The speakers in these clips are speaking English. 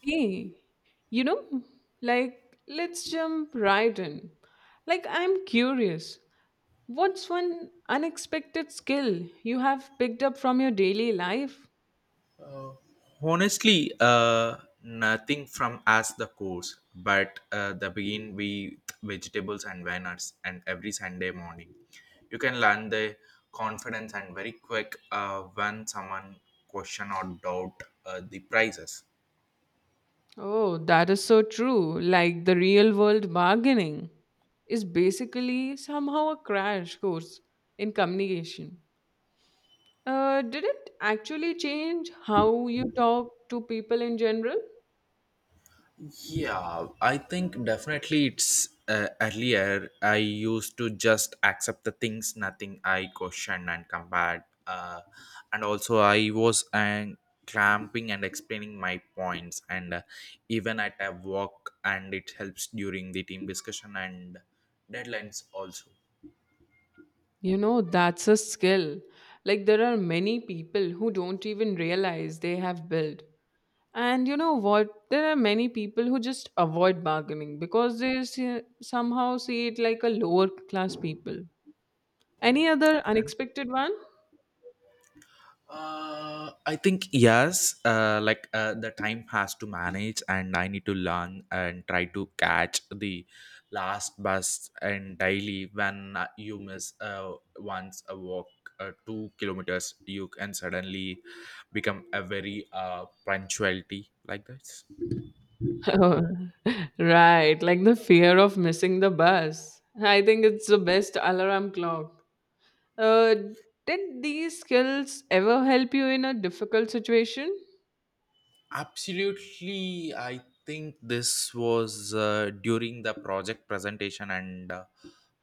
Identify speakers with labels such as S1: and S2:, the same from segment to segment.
S1: Hey, you know, like, let's jump right in. Like, I'm curious, what's one unexpected skill you have picked up from your daily life?
S2: Honestly, uh, nothing from us the course, but the begin with vegetables and banners, and every Sunday morning, you can learn the confidence and very quick when someone question or doubt the prices.
S1: Oh, that is so true. Like, the real world bargaining is basically somehow a crash course in communication. Did it actually change how you talk to people in general?
S2: Yeah, I think definitely it's earlier. I used to just accept the things, nothing I questioned and compared. And also, I was clamping and explaining my points, and even at a walk, and it helps during the team discussion and deadlines also.
S1: You know, that's a skill. Like, there are many people who don't even realize they have built. And you know what? There are many people who just avoid bargaining because they see, somehow see it like a lower class people. Any other
S2: Okay?
S1: unexpected one?
S2: I think yes. Like the time has to manage, and I need to learn and try to catch the last bus and daily when you miss once a walk. 2 kilometers you can suddenly become a very punctuality like that.
S1: Oh, right, like the fear of missing the bus. I think it's the best alarm clock. Uh, did these skills ever help you in a difficult situation?
S2: Absolutely, I think this was during the project presentation, and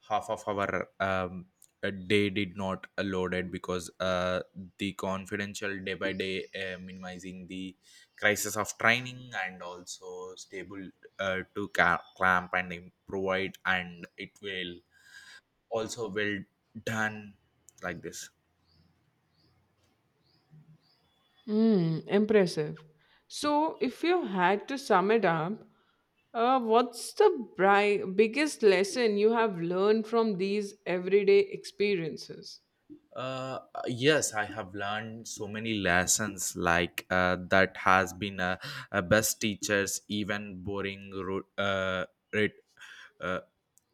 S2: half of our day did not load it because the confidential day by day minimizing the crisis of training and also stable to clamp and improvide, and it will also well done like this.
S1: Mm, impressive. So, if you had to sum it up, what's the biggest lesson you have learned from these everyday experiences?
S2: uh yes, I have learned so many lessons like that has been best teachers even boring it, uh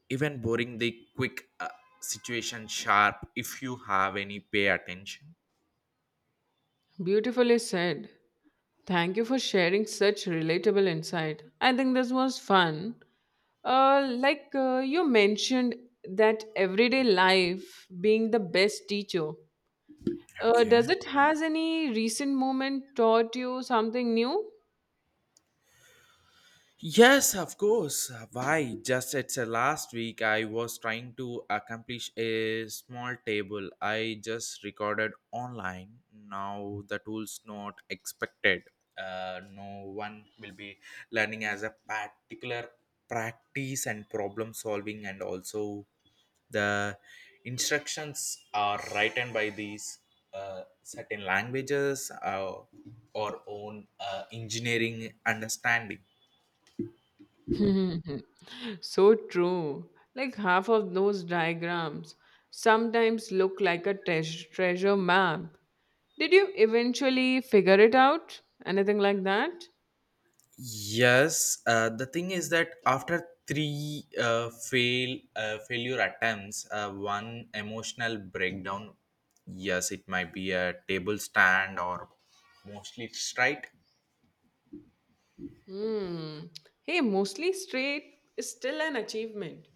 S2: even boring the quick situation sharp if you have any pay attention.
S1: Beautifully said. Thank you for sharing such relatable insight. I think this was fun. You mentioned that everyday life being the best teacher.
S2: Okay.
S1: Does it has any recent moment taught you something new?
S2: Yes, of course. Why? Just it's last week I was trying to accomplish a small table I just recorded online. Now the tool's not expected. No one will be learning as a particular practice and problem solving and also the instructions are written by these certain languages or own engineering understanding.
S1: So true. Like half of those diagrams sometimes look like a treasure map. Did you eventually figure it out? Anything like that?
S2: Yes, the thing is that after three failure attempts, one emotional breakdown. Yes, it might be a table stand or mostly straight.
S1: Hmm. Hey, mostly straight is still an achievement.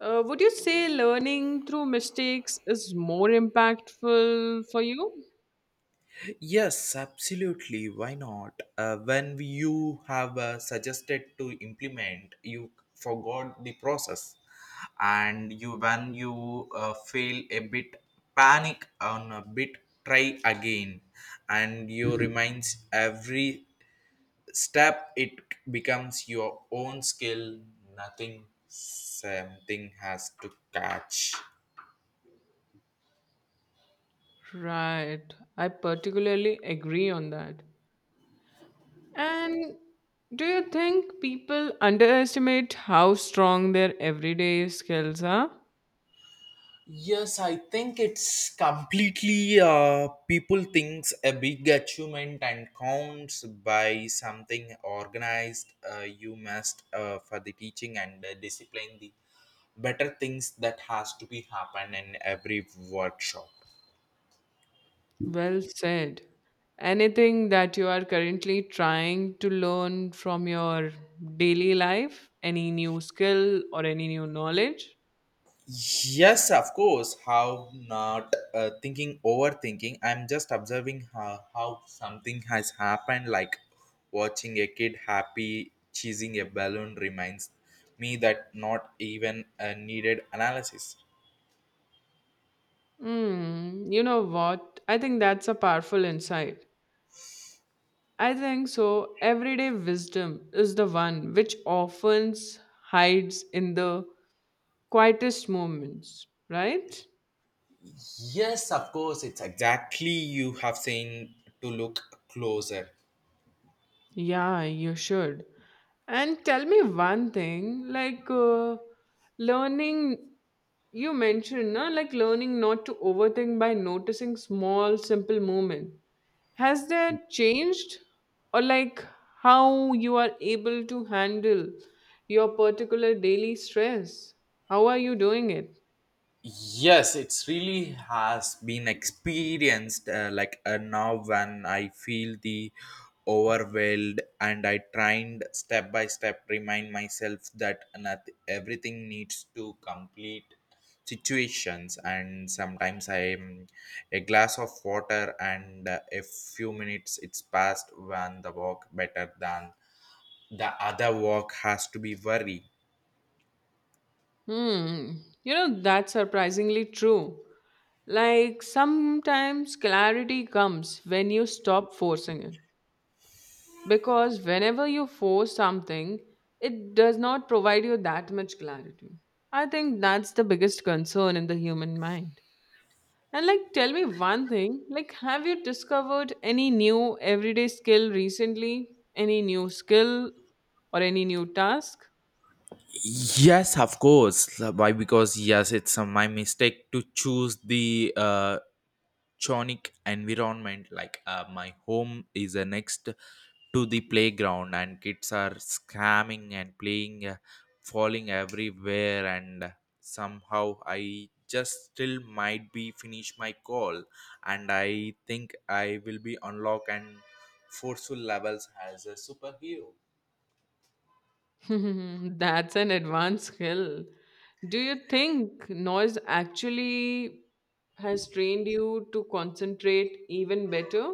S1: Would you say learning through mistakes is more impactful for you?
S2: Yes, absolutely. Why not? When you have suggested to implement, you forgot the process, and you when you fail a bit, panic on a bit, try again, and you reminds every step it becomes your own skill. Nothing, something has to catch.
S1: Right. I particularly agree on that. And do you think people underestimate how strong their everyday skills are?
S2: Yes, I think it's completely people thinks a big achievement and counts by something organized. You must for the teaching and discipline the better things that has to be happen in every workshop.
S1: Well said. Anything that you are currently trying to learn from your daily life, any new skill or any new knowledge?
S2: Yes, of course. How not thinking, overthinking. I'm just observing how something has happened, like watching a kid happy cheesing a balloon reminds me that not even a needed analysis.
S1: Mm, you know what? I think that's a powerful insight. I think so. Everyday wisdom is the one which often hides in the quietest moments, right?
S2: Yes, of course. It's exactly you have seen to look closer.
S1: Yeah, you should. And tell me one thing, like, learning, you mentioned, na, like learning not to overthink by noticing small, simple movement. Has that changed? Or like how you are able to handle your particular daily stress? How are you doing it?
S2: Yes, it's really has been experienced now when I feel the overwhelmed and I tried step by step remind myself that not everything needs to complete situations, and sometimes I am a glass of water and a few minutes it's passed when the walk better than the other walk has to be worry.
S1: Hmm, you know, that's surprisingly true. Like sometimes clarity comes when you stop forcing it. Because whenever you force something, it does not provide you that much clarity. I think that's the biggest concern in the human mind. And like tell me one thing, like have you discovered any new everyday skill recently, any new skill or any new task?
S2: Yes, of course. Why? Because yes, it's my mistake to choose the chonic environment. Like my home is next to the playground, and kids are scamming and playing, falling everywhere, and somehow I just still might be finish my call, and I think I will be unlocked and forceful levels as a superhero.
S1: That's an advanced skill. Do you think noise actually has trained you to concentrate even better?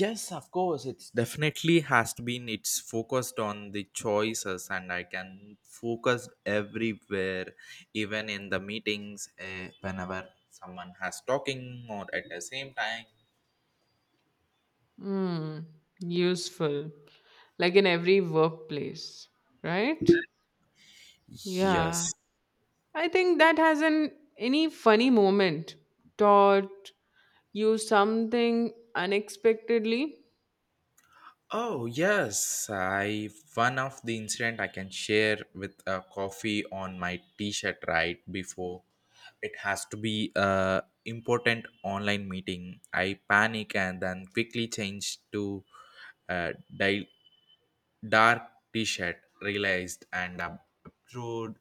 S2: Yes, of course. It's definitely has to been. It's focused on the choices, and I can focus everywhere, even in the meetings, whenever someone has talking or at the same time.
S1: Mm, useful. Like in every workplace, right? Yeah.
S2: Yes.
S1: I think that has an any funny moment taught you something unexpectedly.
S2: Oh yes, I one of the incident I can share with a coffee on my t-shirt right before it has to be a important online meeting. I panic and then quickly change to a dark t-shirt realized and absurd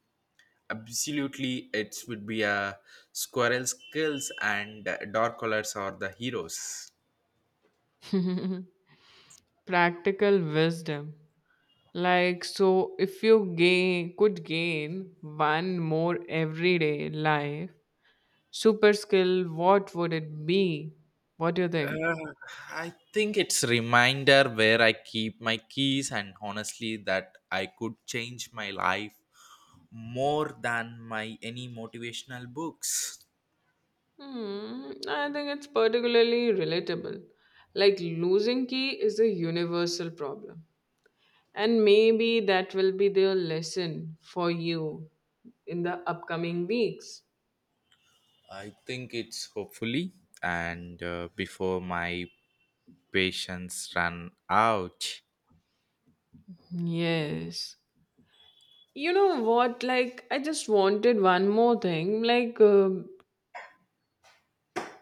S2: absolutely it would be a squirrel skills and dark colors are the heroes.
S1: Practical wisdom. Like so if you gain could gain one more everyday life super skill, what would it be? What do you think?
S2: Uh, I think it's reminder where I keep my keys, and honestly, that I could change my life more than my any motivational books.
S1: Hmm, I think it's particularly relatable. Like losing key is a universal problem. And maybe that will be the lesson for you in the upcoming weeks.
S2: I think it's hopefully, and before my patience run out.
S1: Yes. You know what? Like, I just wanted one more thing, like,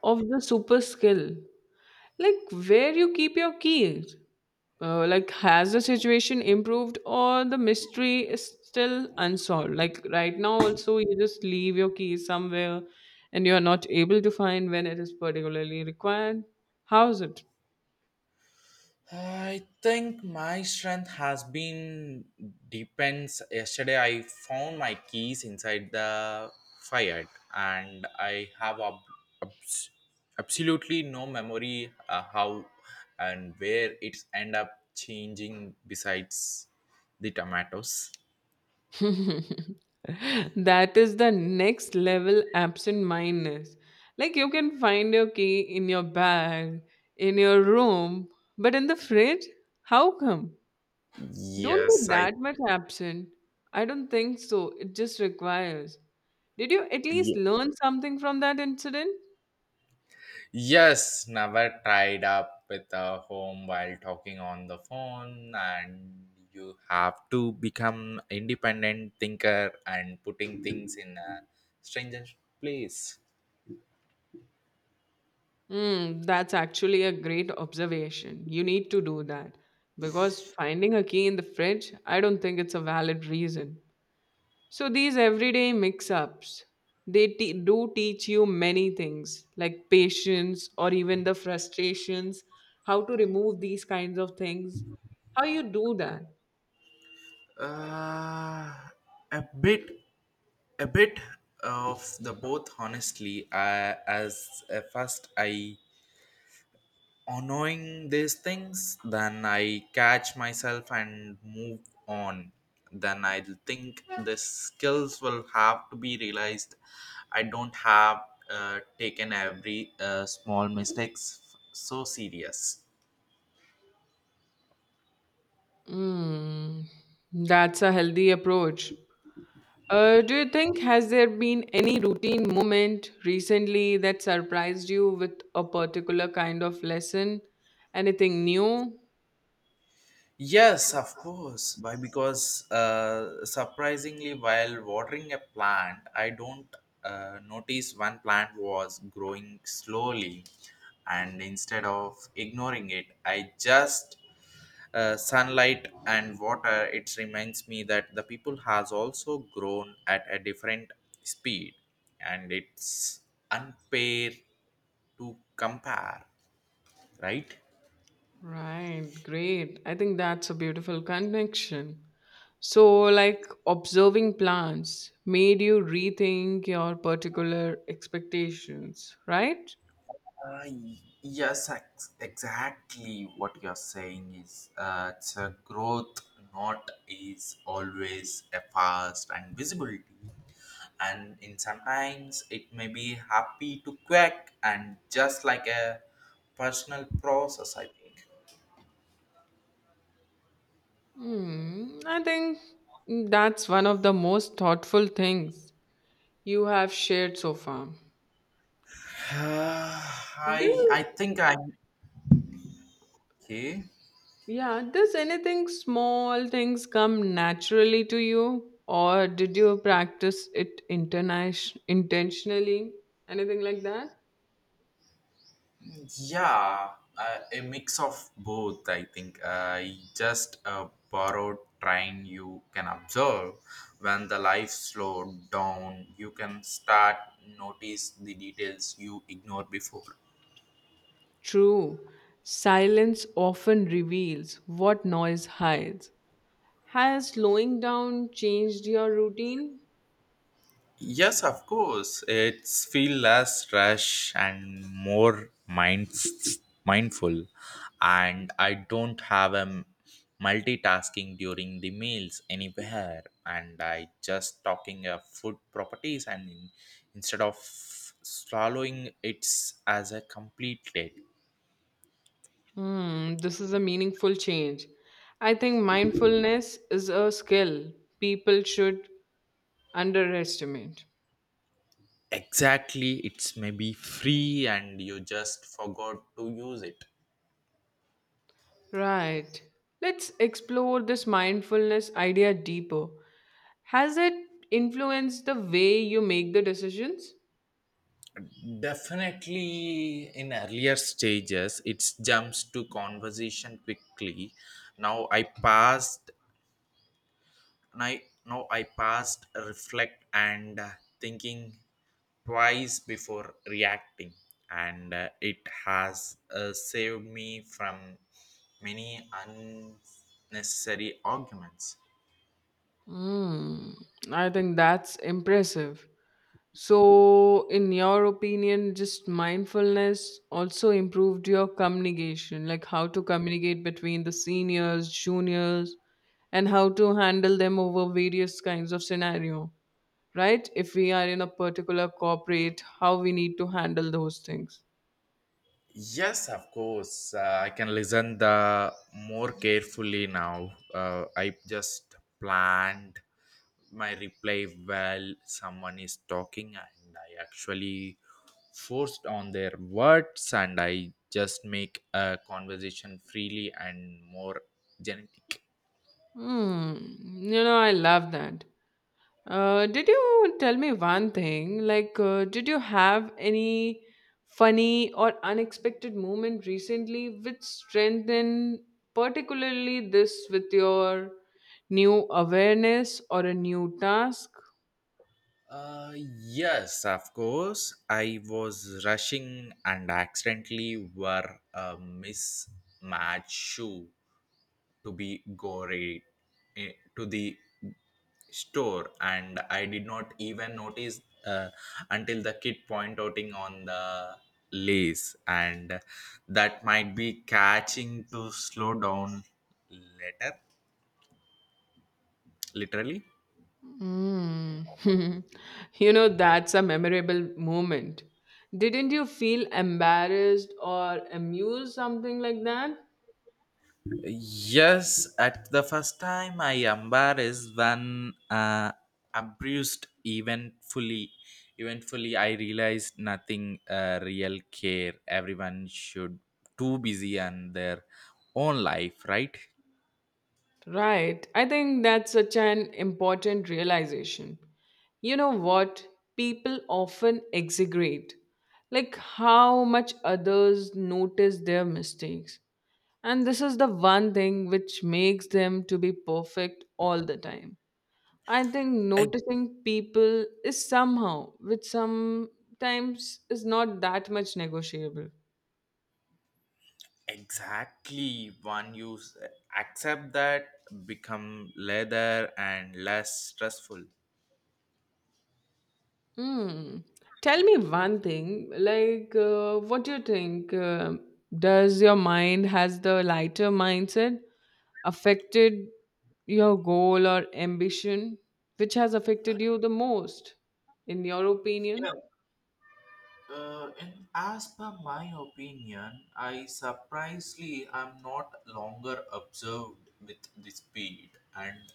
S1: of the super skill. Like where you keep your keys? Like has the situation improved or the mystery is still unsolved? Like right now, also you just leave your keys somewhere, and you are not able to find when it is particularly required. How's it?
S2: I think my strength has been depends. Yesterday, I found my keys inside the fire, and I have abs- absolutely no memory how and where it's end up changing besides the tomatoes.
S1: That is the next level absent mindedness. Like you can find your key in your bag, in your room, but in the fridge, how come? Don't be
S2: Yes, I.
S1: that much absent. I don't think so. It just requires. Did you at least learn something from that incident?
S2: Yes, never tied up with a home while talking on the phone, and you have to become independent thinker and putting things in a stranger place.
S1: Hmm, that's actually a great observation. You need to do that because finding a key in the fridge, I don't think it's a valid reason. So these everyday mix-ups, they do teach you many things like patience or even the frustrations, how to remove these kinds of things, how you do that.
S2: Uh, a bit, a bit of the both, honestly, as first I annoying these things, then I catch myself and move on, then I think the skills will have to be realized. I don't have taken every small mistakes so serious.
S1: Mm, that's a healthy approach. Do you think has there been any routine moment recently that surprised you with a particular kind of lesson? Anything new?
S2: Yes, of course. Why? Because surprisingly while watering a plant I don't notice one plant was growing slowly, and instead of ignoring it I just sunlight and water it reminds me that the people has also grown at a different speed, and it's unfair to compare, right?
S1: Right, great. I think that's a beautiful connection. So, like observing plants made you rethink your particular expectations, right?
S2: Uh, y- yes, exactly what you're saying is it's a growth, not is always a fast and visibility. And in sometimes it may be happy to quick and just like a personal process, I think.
S1: Hmm, I think that's one of the most thoughtful things you have shared so far.
S2: Uh,
S1: Do,
S2: I think I'm okay.
S1: yeah, does anything small things come naturally to you, or did you practice it internation intentionally? Anything like that?
S2: Yeah, a mix of both. I think I just borrowed train you can observe when the life slowed down. You can start notice the details you ignored before.
S1: True. Silence often reveals what noise hides. Has slowing down changed your routine?
S2: Yes, of course. It's feel less rush and more mindful. And I don't have a multitasking during the meals anywhere. And I just talking of food properties and instead of swallowing it's as a complete plate.
S1: Hmm, this is a meaningful change. I think mindfulness is a skill people should underestimate.
S2: Exactly, it's maybe free and you just forgot to use it.
S1: Right. Let's explore this mindfulness idea deeper. Has it influenced the way you make the decisions?
S2: Definitely, in earlier stages, it jumps to conversation quickly. Now I passed. Now I passed, reflect, and thinking twice before reacting, and it has saved me from many unnecessary arguments.
S1: Hmm. I think that's impressive. So, in your opinion, just mindfulness also improved your communication, like how to communicate between the seniors, juniors, and how to handle them over various kinds of scenario, right? If we are in a particular corporate, how we need to handle those things.
S2: Yes, of course. I can listen the more carefully now. I just planned my reply while someone is talking, and I actually forced on their words, and I just make a conversation freely and more genetic.
S1: Hmm. You know, I love that. Did you tell me one thing? Like, did you have any funny or unexpected moment recently which strengthened particularly this with your new awareness or a new task?
S2: Yes, of course. I was rushing and accidentally wore a mismatched shoe to be gory, to the store, and I did not even notice until the kid point outing on the lace, and that might be catching to slow down later literally.
S1: Hmm. You know, that's a memorable moment. Didn't you feel embarrassed or amused, something like that?
S2: Yes, at the first time I embarrassed when abused eventfully. Eventfully, I realized nothing real care. Everyone should too busy and their own life, right?
S1: Right. I think that's such an important realization. You know what? People often exaggerate, like how much others notice their mistakes. And this is the one thing which makes them to be perfect all the time. I think
S2: Ex-
S1: noticing people is somehow, which sometimes is not that much negotiable.
S2: Exactly. One you accept that become leather and less stressful.
S1: Mm. Tell me one thing, like, what do you think? Does your mind has the lighter mindset affected your goal or ambition? Which has affected you the most, in your opinion?
S2: And as per my opinion, I surprisingly am not longer observed with the speed, and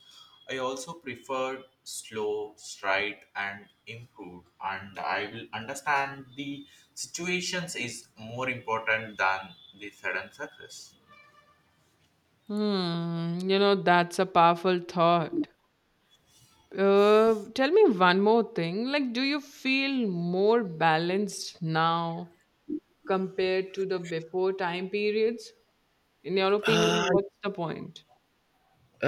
S2: I also prefer slow, straight, and improved. And I will understand the situations is more important than the sudden success.
S1: Hmm. You know, that's a powerful thought. Tell me one more thing. Like, do you feel more balanced now compared to the before time periods? In your opinion,
S2: Uh,
S1: what's the point?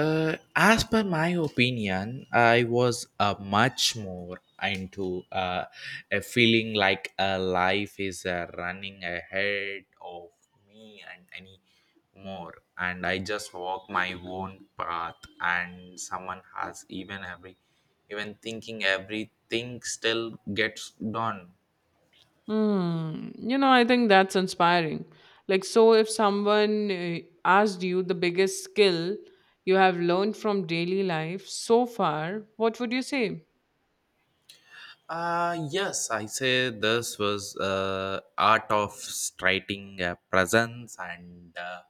S2: as per my opinion, I was much more into a feeling like a life is running ahead of me and any more, and I just walk my own path, and someone has even every even thinking everything still gets done.
S1: Hmm. You know, I think that's inspiring. Like, so if someone asked you the biggest skill you have learned from daily life so far, what would you say?
S2: Yes, I say this was art of striking a presence, and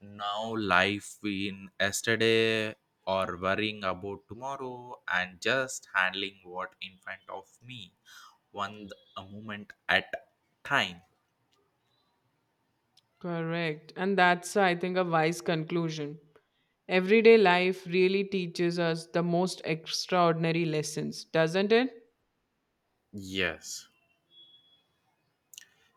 S2: now life in yesterday or worrying about tomorrow and just handling what in front of me one a moment at time.
S1: Correct. And that's, I think, a wise conclusion. Everyday life really teaches us the most extraordinary lessons, doesn't it?
S2: Yes.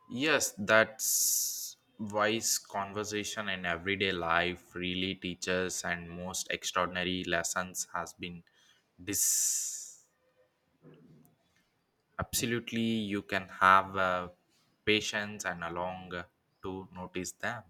S2: Yes, that's wise conversation in everyday life really teaches and most extraordinary lessons has been this absolutely you can have patience and along to notice them.